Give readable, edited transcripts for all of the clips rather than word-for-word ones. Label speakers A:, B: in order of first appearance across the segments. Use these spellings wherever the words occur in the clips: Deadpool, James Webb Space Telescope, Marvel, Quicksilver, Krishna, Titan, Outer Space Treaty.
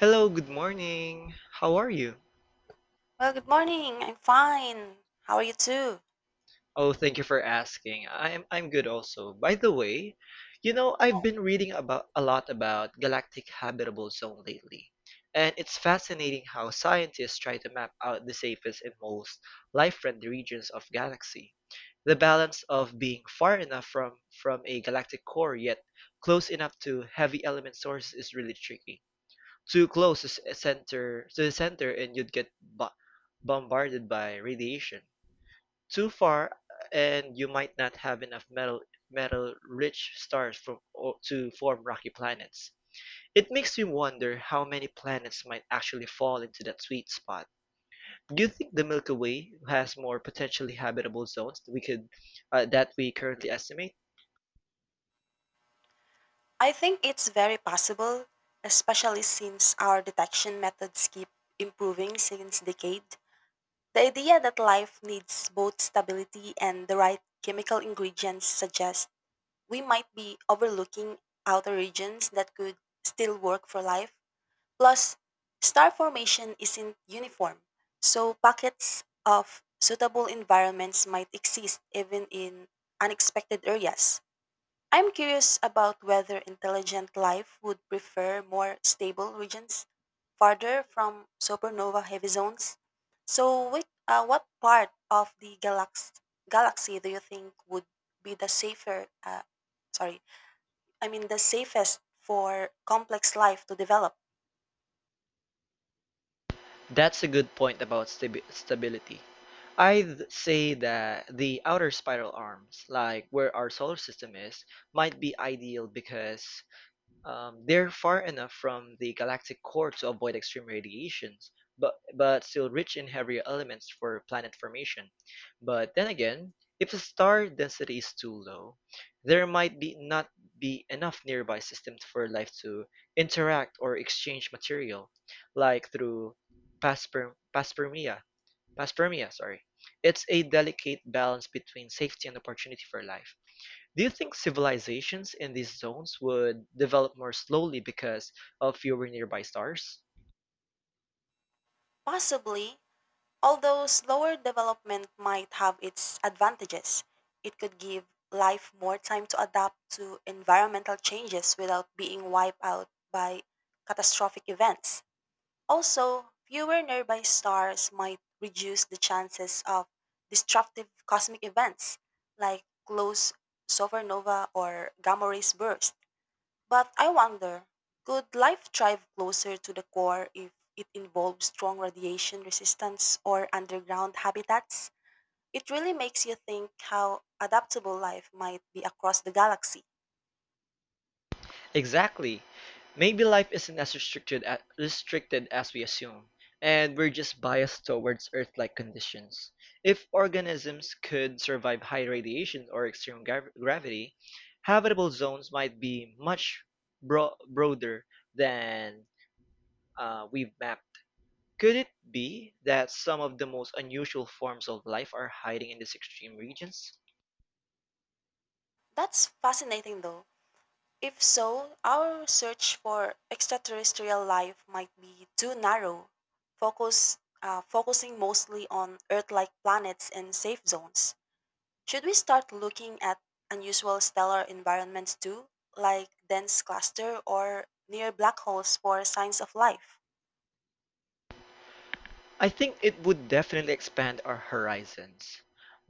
A: Hello, good morning. How are you?
B: Well, good morning. I'm fine. How are you too?
A: Oh, thank you for asking. I'm good also. By the way, I've been reading about a lot about galactic habitable zone lately. And it's fascinating how scientists try to map out the safest and most life-friendly regions of galaxy. The balance of being far enough from a galactic core yet close enough to heavy element sources is really tricky. Too close to center to the center and you'd get bombarded by radiation. Too far and you might not have enough metal rich stars to form rocky planets. It makes me wonder how many planets might actually fall into that sweet spot. Do you think the Milky Way has more potentially habitable zones that we could that we currently estimate?
B: I think it's very possible, especially since our detection methods keep improving since decade. The idea that life needs both stability and the right chemical ingredients suggests we might be overlooking outer regions that could still work for life. Plus, star formation isn't uniform, so pockets of suitable environments might exist even in unexpected areas. I'm curious about whether intelligent life would prefer more stable regions farther from supernova heavy zones. So, which, what part of the galaxy do you think would be the safer? Sorry, I mean the safest for complex life to develop?
A: That's a good point about stability. I'd say that the outer spiral arms, like where our solar system is, might be ideal because they're far enough from the galactic core to avoid extreme radiations, but still rich in heavier elements for planet formation. But then again, if the star density is too low, there might be not be enough nearby systems for life to interact or exchange material, like through panspermia. Panspermia, sorry. It's a delicate balance between safety and opportunity for life. Do you think civilizations in these zones would develop more slowly because of fewer nearby stars?
B: Possibly. Although slower development might have its advantages, it could give life more time to adapt to environmental changes without being wiped out by catastrophic events. Also, fewer nearby stars might reduce the chances of destructive cosmic events like close supernova or gamma rays bursts. But I wonder, could life thrive closer to the core if it involves strong radiation resistance or underground habitats? It really makes you think how adaptable life might be across the galaxy.
A: Exactly. Maybe life isn't as restricted as restricted as we assume, and we're just biased towards Earth-like conditions. If organisms could survive high radiation or extreme gravity, habitable zones might be much broader than we've mapped. Could it be that some of the most unusual forms of life are hiding in these extreme regions?
B: That's fascinating though. If so, our search for extraterrestrial life might be too narrow, focusing mostly on Earth like planets and safe zones. Should we start looking at unusual stellar environments too, like dense cluster or near black holes for signs of life?
A: I think it would definitely expand our horizons.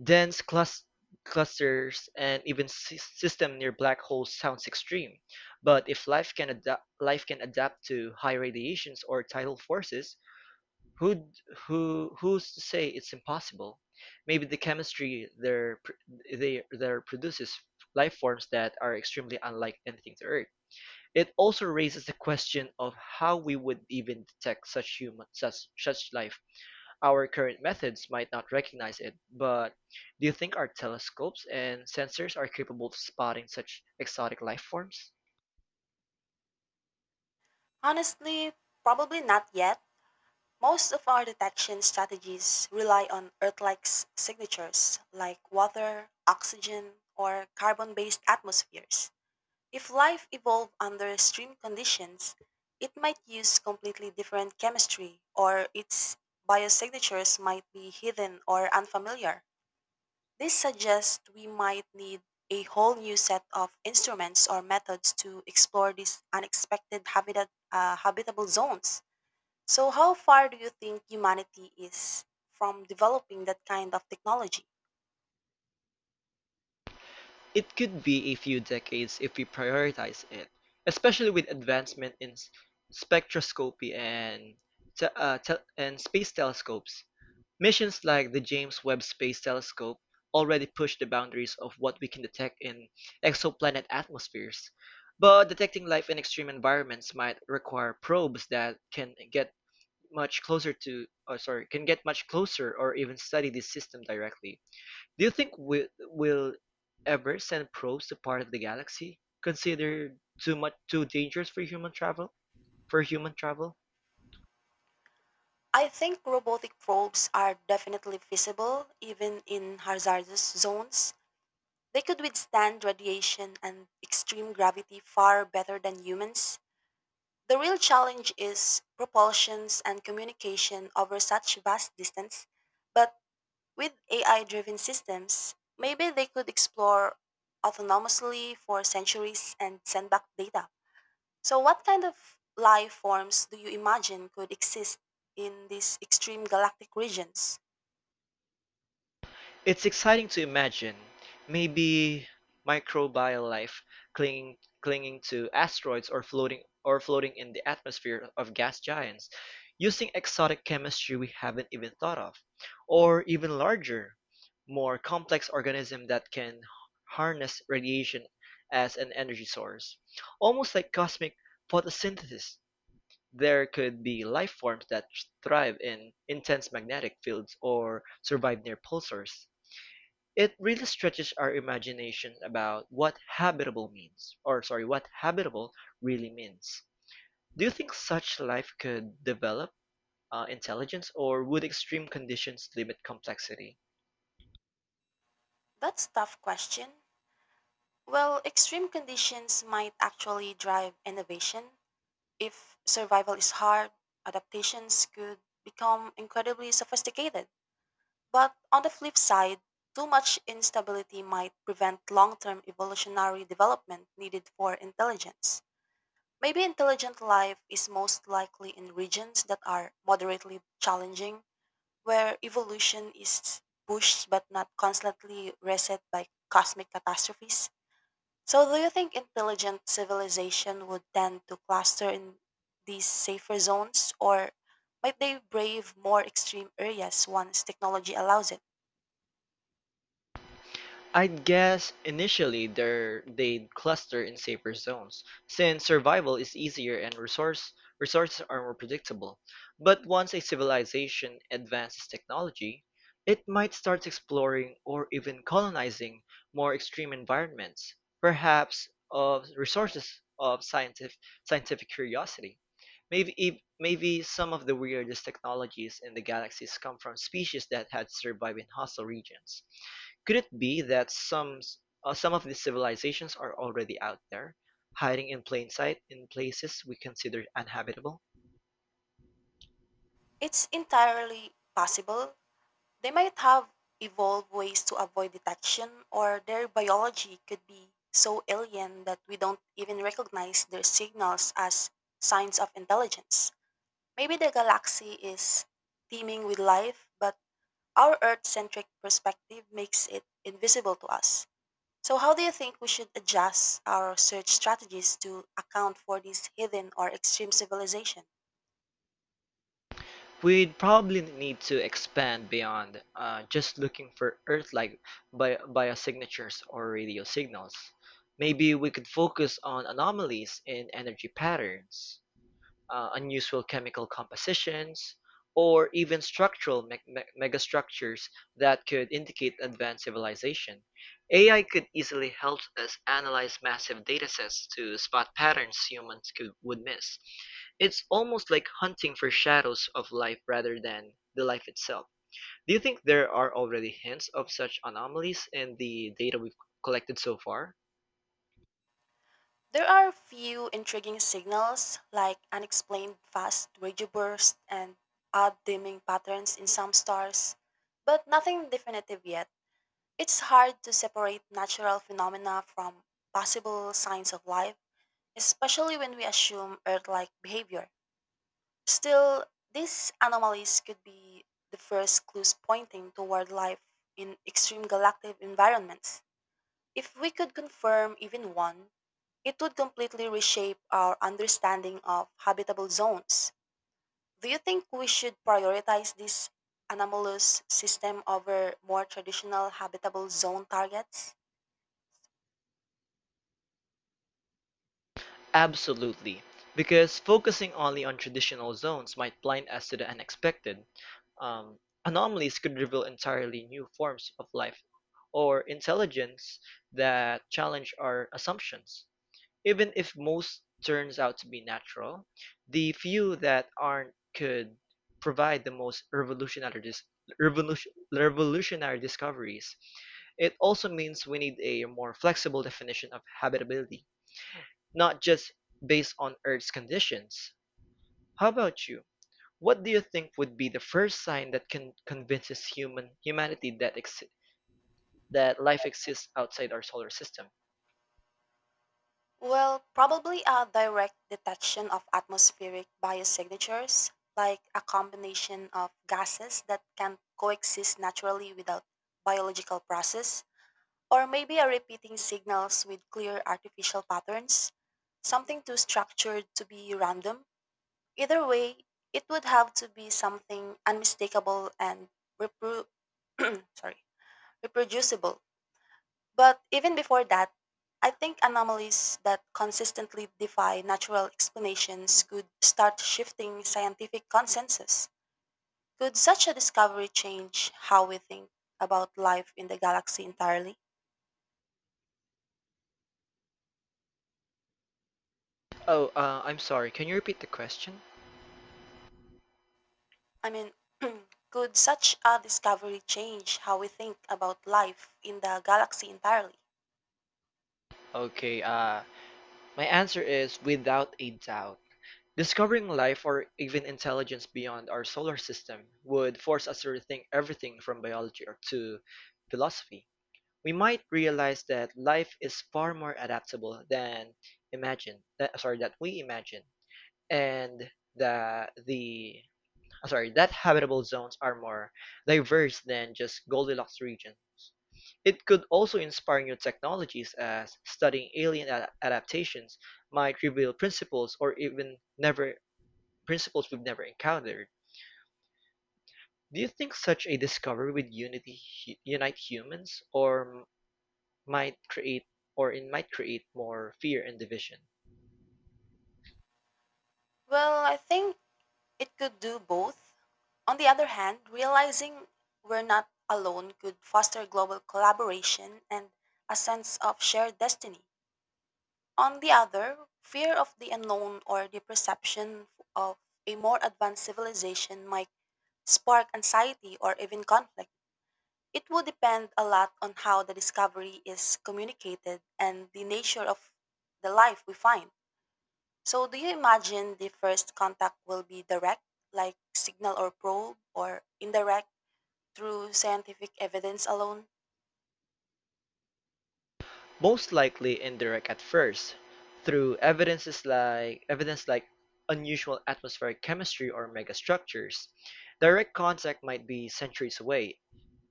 A: Dense clusters and even system near black holes sounds extreme, but if life can adapt, life can adapt to high radiations or tidal forces, who who who's to say it's impossible? Maybe the chemistry they there produces life forms that are extremely unlike anything to Earth. It also raises the question of how we would even detect such life. Our current methods might not recognize it, but do you think our telescopes and sensors are capable of spotting such exotic life forms?
B: Honestly, probably not yet. Most of our detection strategies rely on Earth-like signatures like water, oxygen, or carbon-based atmospheres. If life evolved under extreme conditions, it might use completely different chemistry or its biosignatures might be hidden or unfamiliar. This suggests we might need a whole new set of instruments or methods to explore these unexpected habitable zones. So, how far do you think humanity is from developing that kind of technology?
A: It could be a few decades if we prioritize it, especially with advancement in spectroscopy and and space telescopes. Missions like the James Webb Space Telescope already push the boundaries of what we can detect in exoplanet atmospheres, but detecting life in extreme environments might require probes that can get much closer to, or sorry, can get much closer or even study this system directly. Do you think we will ever send probes to part of the galaxy considered too dangerous for human travel? For human travel?
B: I think robotic probes are definitely feasible, even in hazardous zones. They could withstand radiation and extreme gravity far better than humans. The real challenge is propulsions and communication over such vast distance, but with AI driven systems, maybe they could explore autonomously for centuries and send back data. So, what kind of life forms do you imagine could exist in these extreme galactic regions?
A: It's exciting to imagine. Maybe microbial life clinging to asteroids or floating in the atmosphere of gas giants, using exotic chemistry we haven't even thought of, or even larger, more complex organism that can harness radiation as an energy source. Almost like cosmic photosynthesis, there could be life forms that thrive in intense magnetic fields or survive near pulsars. It really stretches our imagination about what habitable really means. Do you think such life could develop intelligence, or would extreme conditions limit complexity?
B: That's a tough question. Well, extreme conditions might actually drive innovation. If survival is hard, adaptations could become incredibly sophisticated. But on the flip side, too much instability might prevent long term evolutionary development needed for intelligence. Maybe intelligent life is most likely in regions that are moderately challenging, where evolution is pushed but not constantly reset by cosmic catastrophes. So, do you think intelligent civilization would tend to cluster in these safer zones, or might they brave more extreme areas once technology allows it?
A: I'd guess initially they'd cluster in safer zones, since survival is easier and resources are more predictable. But once a civilization advances technology, it might start exploring or even colonizing more extreme environments, perhaps of resources of scientific curiosity. Maybe some of the weirdest technologies in the galaxies come from species that had survived in hostile regions. Could it be that some of these civilizations are already out there, hiding in plain sight in places we consider uninhabitable?
B: It's entirely possible. They might have evolved ways to avoid detection, or their biology could be so alien that we don't even recognize their signals as signs of intelligence. Maybe the galaxy is teeming with life, but our Earth centric perspective makes it invisible to us. So, how do you think we should adjust our search strategies to account for these hidden or extreme civilization?
A: We'd probably need to expand beyond just looking for Earth-like biosignatures or radio signals. Maybe we could focus on anomalies in energy patterns unusual chemical compositions, or even structural megastructures that could indicate advanced civilization. AI could easily help us analyze massive datasets to spot patterns would miss. It's almost like hunting for shadows of life rather than the life itself. Do you think there are already hints of such anomalies in the data we've collected so far?
B: There are a few intriguing signals like unexplained fast radio bursts and odd dimming patterns in some stars, but nothing definitive yet. It's hard to separate natural phenomena from possible signs of life, especially when we assume Earth like behavior. Still, these anomalies could be the first clues pointing toward life in extreme galactic environments. If we could confirm even one, it would completely reshape our understanding of habitable zones. Do you think we should prioritize this anomalous system over more traditional habitable zone targets?
A: Absolutely, because focusing only on traditional zones might blind us to the unexpected. Um, Anomalies could reveal entirely new forms of life or intelligence that challenge our assumptions. Even if most turns out to be natural, the few that aren't could provide the most revolutionary discoveries. It also means we need a more flexible definition of habitability, not just based on Earth's conditions. How about you? What do you think would be the first sign that can convinces humanity that life exists outside our solar system?
B: Well, probably a direct detection of atmospheric biosignatures, like a combination of gases that can coexist naturally without biological process, or maybe a repeating signals with clear artificial patterns, something too structured to be random. Either way, it would have to be something unmistakable and repro- sorry, reproducible. But even before that, I think anomalies that consistently defy natural explanations could start shifting scientific consensus. Could such a discovery change how we think about life in the galaxy entirely?
A: Oh, I'm sorry. Can you repeat the question?
B: I mean, could such a discovery change how we think about life in the galaxy entirely?
A: Okay. My answer is without a doubt. Discovering life or even intelligence beyond our solar system would force us to rethink everything from biology to philosophy. We might realize that life is far more adaptable than imagine that sorry that we imagine, and that the sorry that habitable zones are more diverse than just goldilocks region. It could also inspire new technologies as studying alien adaptations might reveal principles we've never encountered. Do you think such a discovery would unity unite humans might create or it might create more fear and division.
B: Well, I think it could do both. On the other hand, realizing we're not alone could foster global collaboration and a sense of shared destiny. On the other, fear of the unknown or the perception of a more advanced civilization might spark anxiety or even conflict. It would depend a lot on how the discovery is communicated and the nature of the life we find. So, do you imagine the first contact will be direct, like signal or probe, or indirect through scientific evidence alone?
A: Most likely indirect at first, through evidence like unusual atmospheric chemistry or megastructures. Direct contact might be centuries away,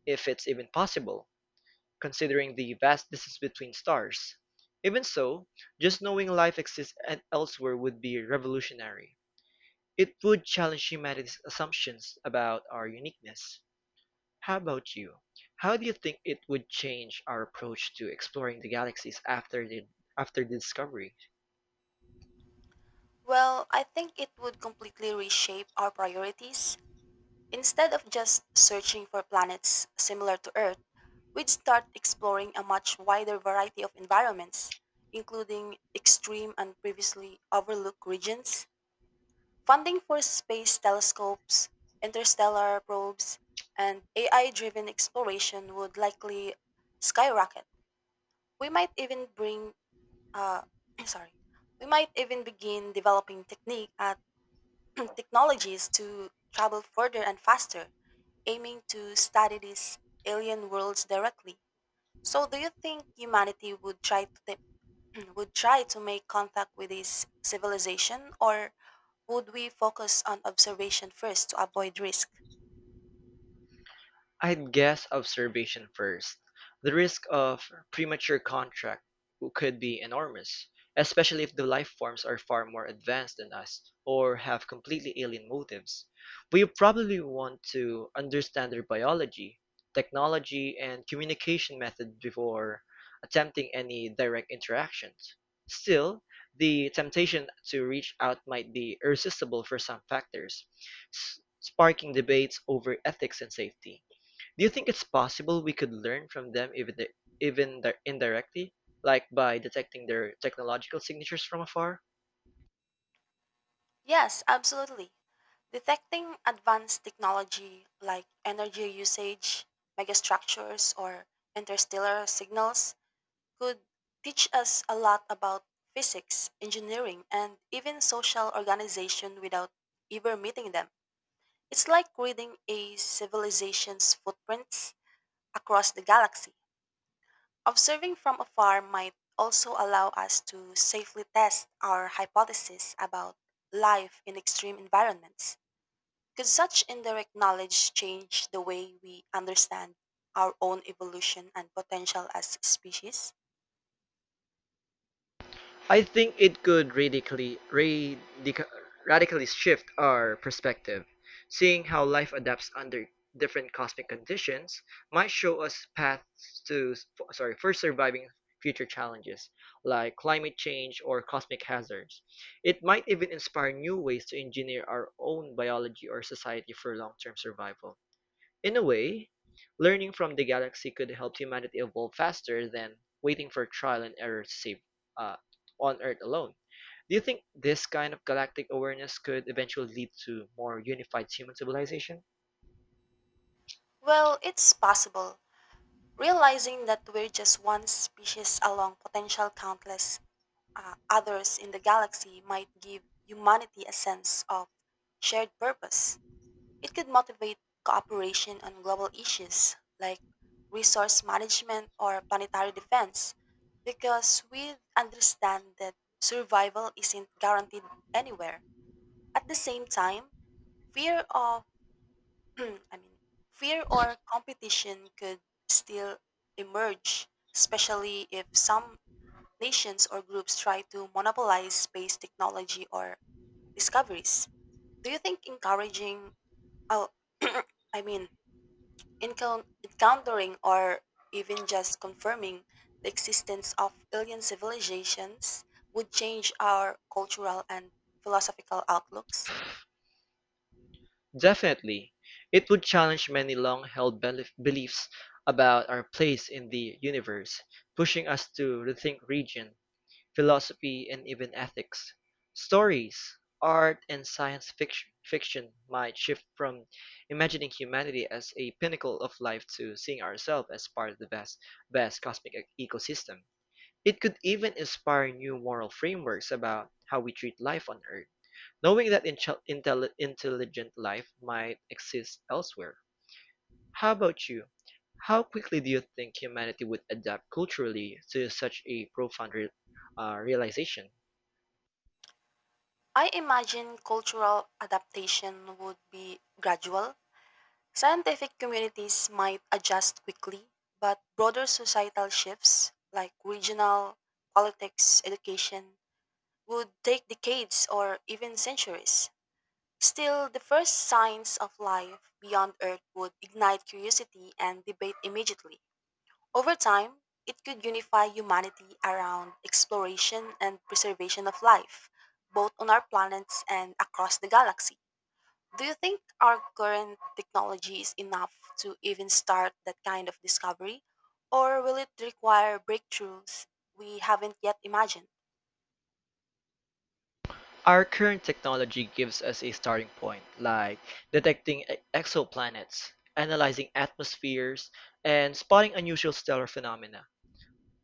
A: if it's even possible, considering the vast distance between stars. Even so, just knowing life exists elsewhere would be revolutionary. It would challenge humanity's assumptions about our uniqueness. How about you? How do you think it would change our approach to exploring the galaxies after the discovery?
B: Well, I think it would completely reshape our priorities. Instead of just searching for planets similar to Earth, we'd start exploring a much wider variety of environments, including extreme and previously overlooked regions. Funding for space telescopes, interstellar probes, and AI driven exploration would likely skyrocket. We might even bring uh, sorry, we might even begin developing technique at technologies to travel further and faster, aiming to study these alien worlds directly. So, do you think humanity would try to would try to make contact with this civilization, or would we focus on observation first to avoid risk?
A: I'd guess observation first. The risk of premature contract could be enormous, especially if the life forms are far more advanced than us or have completely alien motives. We probably want to understand their biology, technology, and communication method before attempting any direct interactions. Still, the temptation to reach out might be irresistible for some factors, sparking debates over ethics and safety. Do you think it's possible we could learn from them even the, even di- indirectly, like by detecting their technological signatures from afar?
B: Yes, absolutely. Detecting advanced technology like energy usage, megastructures, or interstellar signals could teach us a lot about physics, engineering, and even social organization without ever meeting them. It's like reading a civilization's footprints across the galaxy. Observing from afar might also allow us to safely test our hypothesis about life in extreme environments. Could such indirect knowledge change the way we understand our own evolution and potential as species?
A: I think it could radically shift our perspective. Seeing how life adapts under different cosmic conditions might show us paths to sorry for surviving future challenges like climate change or cosmic hazards. It might even inspire new ways to engineer our own biology or society for long-term survival. In a way, learning from the galaxy could help humanity evolve faster than waiting for trial and error to save uh, on Earth alone. Do you think this kind of galactic awareness could eventually lead to more unified human civilization?
B: Well, it's possible. Realizing that we're just one species along potential countless others in the galaxy might give humanity a sense of shared purpose. It could motivate cooperation on global issues like resource management or planetary defense because we understand that survival isn't guaranteed anywhere. At the same time, fear of, Hmm, I mean, fear or competition could still emerge, especially if some nations or groups try to monopolize space technology or discoveries. Do you think encouraging, oh, I mean, encountering or even just confirming the existence of alien civilizations would change our cultural and philosophical outlooks?
A: Definitely. It would challenge many long held beliefs about our place in the universe, pushing us to rethink region philosophy and even ethics. Stories, art, and fiction might shift from imagining humanity as a pinnacle of life to seeing ourselves as part of best cosmic ecosystem. It could even inspire new moral frameworks about how we treat life on Earth, knowing that intelligent life might exist elsewhere. How about you? How quickly do you think humanity would adapt culturally to such a profound realization?
B: I imagine cultural adaptation would be gradual. Scientific communities might adjust quickly, but broader societal shifts like regional politics, education would take decades or even centuries. Still, the first signs of life beyond Earth would ignite curiosity and debate immediately. Over time, it could unify humanity around exploration and preservation of life, both on our planets and across the galaxy. Do you think our current technology is enough to even start that kind of discovery? Or will it require breakthroughs we haven't yet imagined?
A: Our current technology gives us a starting point, like detecting exoplanets, analyzing atmospheres, and spotting unusual stellar phenomena.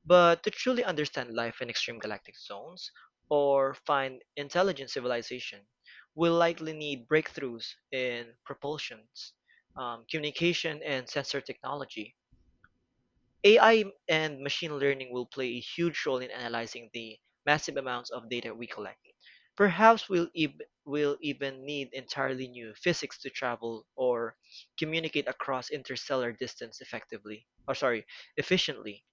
A: But to truly understand life in extreme galactic zones or find intelligent civilization, we'll likely need breakthroughs in propulsions, communication, and sensor technology. AI and machine learning will play a huge role in analyzing the massive amounts of data we collect. Perhaps we'll even need entirely new physics to travel or communicate across interstellar distance efficiently.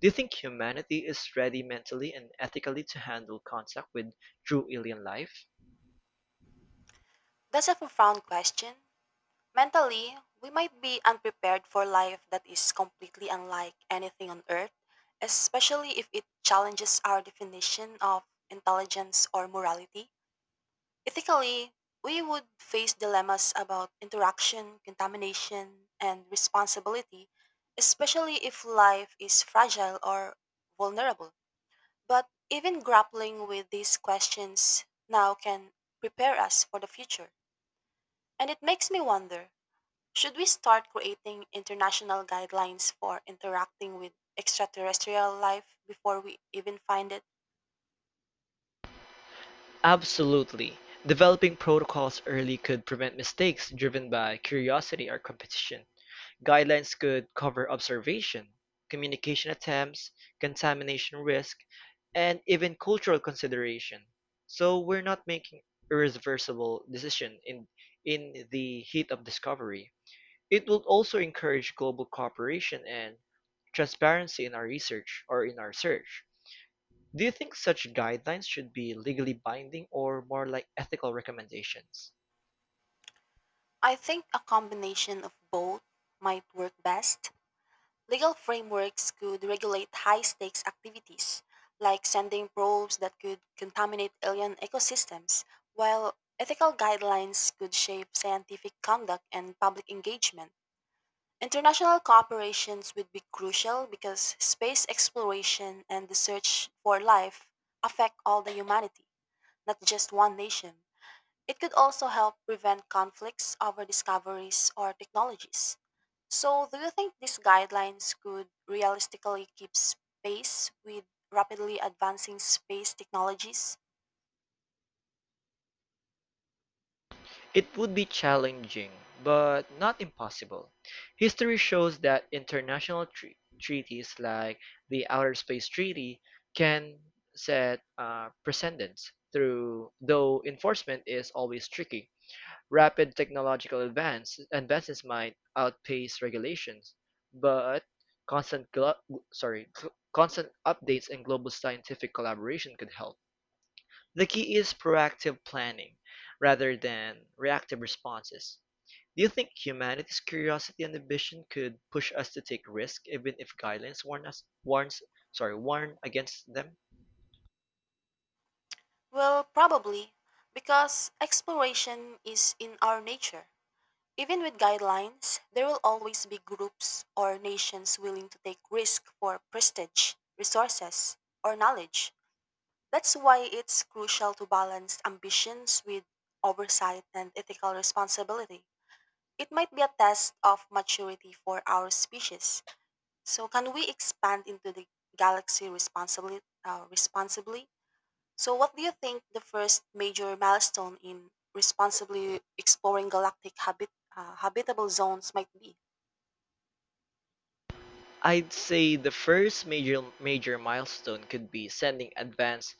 A: Do you think humanity is ready mentally and ethically to handle contact with true alien life?
B: That's a profound question. Mentally, we might be unprepared for life that is completely unlike anything on Earth, especially if it challenges our definition of intelligence or morality. Ethically, we would face dilemmas about interaction, contamination, and responsibility, especially if life is fragile or vulnerable. But even grappling with these questions now can prepare us for the future. And it makes me wonder, should we start creating international guidelines for interacting with extraterrestrial life before we even find it?
A: Absolutely. Developing protocols early could prevent mistakes driven by curiosity or competition. Guidelines could cover observation, communication attempts, contamination risk, and even cultural consideration, so we're not making irreversible decision in the heat of discovery. It will also encourage global cooperation and transparency in our research or in our search. Do you think such guidelines should be legally binding or more like ethical recommendations?
B: I think a combination of both might work best. Legal frameworks could regulate high stakes activities, like sending probes that could contaminate alien ecosystems, while ethical guidelines could shape scientific conduct and public engagement. International cooperations would be crucial because space exploration and the search for life affect all the humanity, not just one nation. It could also help prevent conflicts over discoveries or technologies. So, do you think these guidelines could realistically keep pace with rapidly advancing space technologies?
A: It would be challenging, but not impossible. History shows that international treaties like the Outer Space Treaty can set precedents, though enforcement is always tricky. Rapid technological advances might outpace regulations, but constant, glo- sorry, constant updates and global scientific collaboration could help. The key is proactive planning rather than reactive responses. Do you think humanity's curiosity and ambition could push us to take risks even if guidelines warn us warns sorry, warn against them?
B: Well, probably, because exploration is in our nature. Even with guidelines, there will always be groups or nations willing to take risk for prestige, resources, or knowledge. That's why it's crucial to balance ambitions with oversight and ethical responsibility. It might be a test of maturity for our species. So, can we expand into the galaxy responsibly? So, what do you think the first major milestone in responsibly exploring galactic habitable zones might be?
A: I'd say the first major milestone could be sending advanced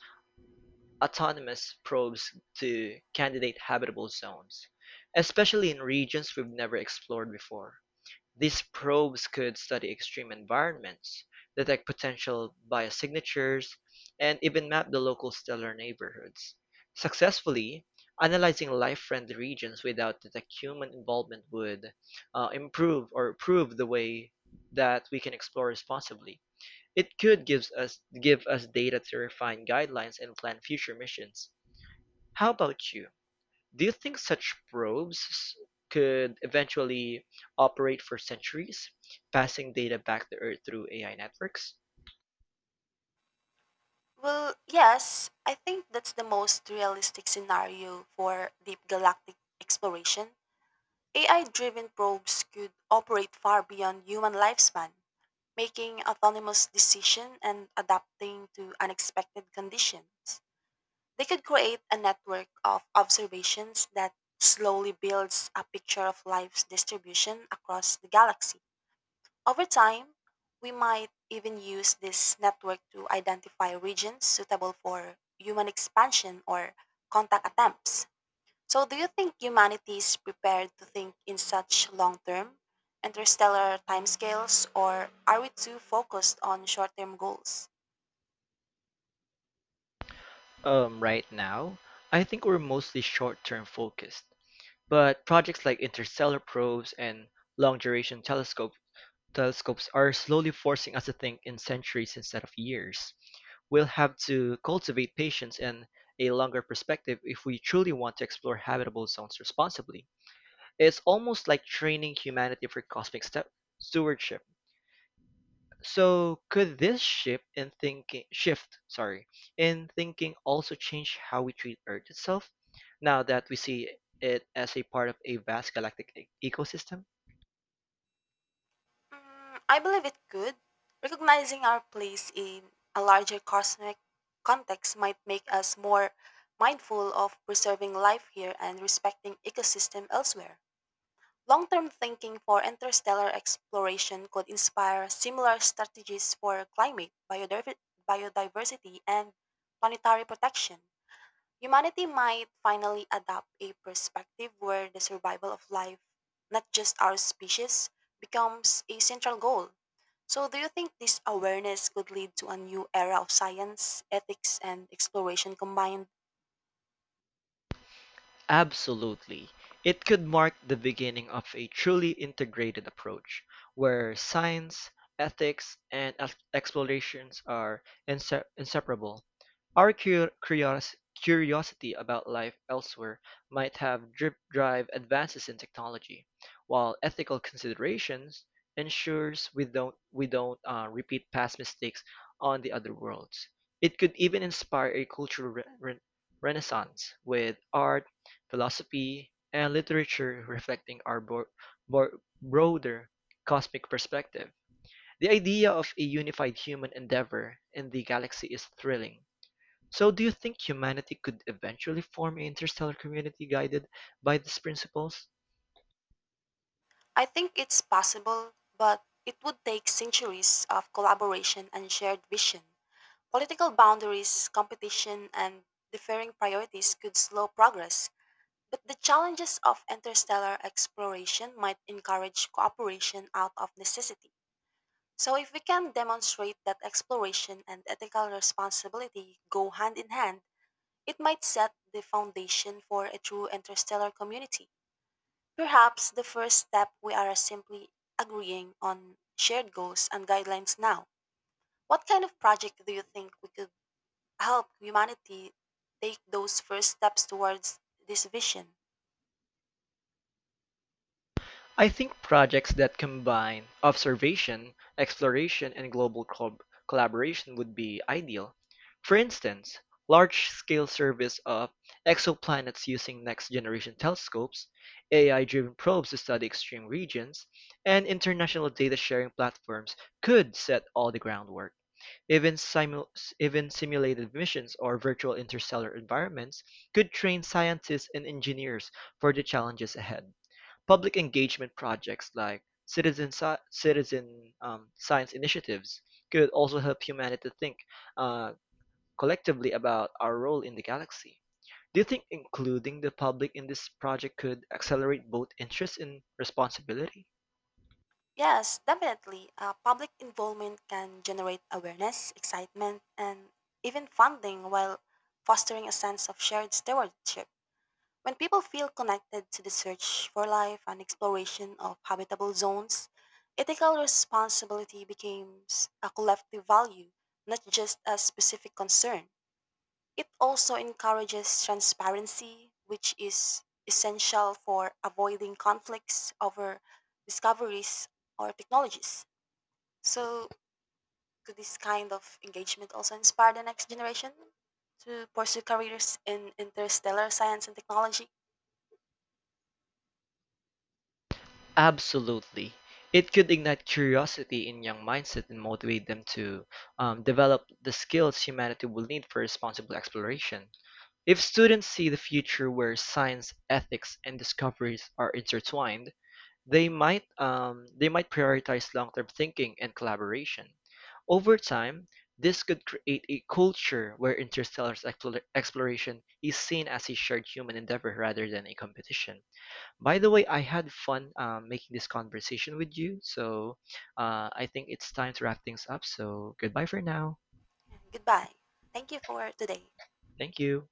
A: autonomous probes to candidate habitable zones, especially in regions we've never explored before. These probes could study extreme environments, detect potential biosignatures, and even map the local stellar neighborhoods, successfully analyzing life-friendly regions without detect human involvement would improve or prove the way that we can explore responsibly. It could give us data to refine guidelines and plan future missions. How about you? Do you think such probes could eventually operate for centuries, passing data back to Earth through AI networks?
B: Well, yes, I think that's the most realistic scenario for deep galactic exploration. AI driven probes could operate far beyond human lifespan, making autonomous decisions and adapting to unexpected conditions. They could create a network of observations that slowly builds a picture of life's distribution across the galaxy. Over time, we might even use this network to identify regions suitable for human expansion or contact attempts. So, do you think humanity is prepared to think in such long term, interstellar timescales, or are we too focused on short term goals?
A: Right now, I think we're mostly short-term focused, but projects like interstellar probes and long-duration telescopes are slowly forcing us to think in centuries instead of years. We'll have to cultivate patience and a longer perspective if we truly want to explore habitable zones responsibly. It's almost like training humanity for cosmic step stewardship. So could this shift in thinking shift, sorry, in thinking also change how we treat Earth itself, now that we see it as a part of a vast galactic ecosystem?
B: Mm, I believe it could. Recognizing our place in a larger cosmic context might make us more mindful of preserving life here and respecting ecosystem elsewhere. Long term thinking for interstellar exploration could inspire similar strategies for climate, biodiversity, and planetary protection. Humanity might finally adopt a perspective where the survival of life, not just our species, becomes a central goal. So, do you think this awareness could lead to a new era of science, ethics, and exploration combined?
A: Absolutely. It could mark the beginning of a truly integrated approach where science, ethics, and explorations are inseparable. Our curiosity about life elsewhere might have drip drive advances in technology, while ethical considerations ensures we don't repeat past mistakes on the other worlds. It could even inspire a cultural renaissance with art, philosophy, and literature reflecting our broader cosmic perspective. The idea of a unified human endeavor in the galaxy is thrilling. So do you think humanity could eventually form an interstellar community guided by these principles?
B: I think it's possible, but it would take centuries of collaboration and shared vision. Political boundaries, competition, and differing priorities could slow progress, but the challenges of interstellar exploration might encourage cooperation out of necessity. So, if we can demonstrate that exploration and ethical responsibility go hand in hand, it might set the foundation for a true interstellar community. Perhaps the first step we are simply agreeing on shared goals and guidelines now. What kind of project do you think we could help humanity take those first steps towards this vision?
A: I think projects that combine observation, exploration, and global collaboration would be ideal. For instance, large-scale surveys of exoplanets using next-generation telescopes, AI-driven probes to study extreme regions, and international data sharing platforms could set all the groundwork. Even simu- Even simulated missions or virtual interstellar environments could train scientists and engineers for the challenges ahead. Public engagement projects like citizen science initiatives could also help humanity think uh, collectively about our role in the galaxy. Do you think including the public in this project could accelerate both interest and responsibility?
B: Yes, definitely. Public involvement can generate awareness, excitement, and even funding while fostering a sense of shared stewardship. When people feel connected to the search for life and exploration of habitable zones, ethical responsibility becomes a collective value, not just a specific concern. It also encourages transparency, which is essential for avoiding conflicts over discoveries or technologies. So, could this kind of engagement also inspire the next generation to pursue careers in interstellar science and technology?
A: Absolutely. It could ignite curiosity in young mindset and motivate them to develop the skills humanity will need for responsible exploration. If students see the future where science, ethics, and discoveries are intertwined, they might prioritize long-term thinking and collaboration. Over time, this could create a culture where exploration is seen as a shared human endeavor rather than a competition. By the way, I had fun making this conversation with you. So I think it's time to wrap things up. So goodbye for now.
B: And goodbye. Thank you for today.
A: Thank you.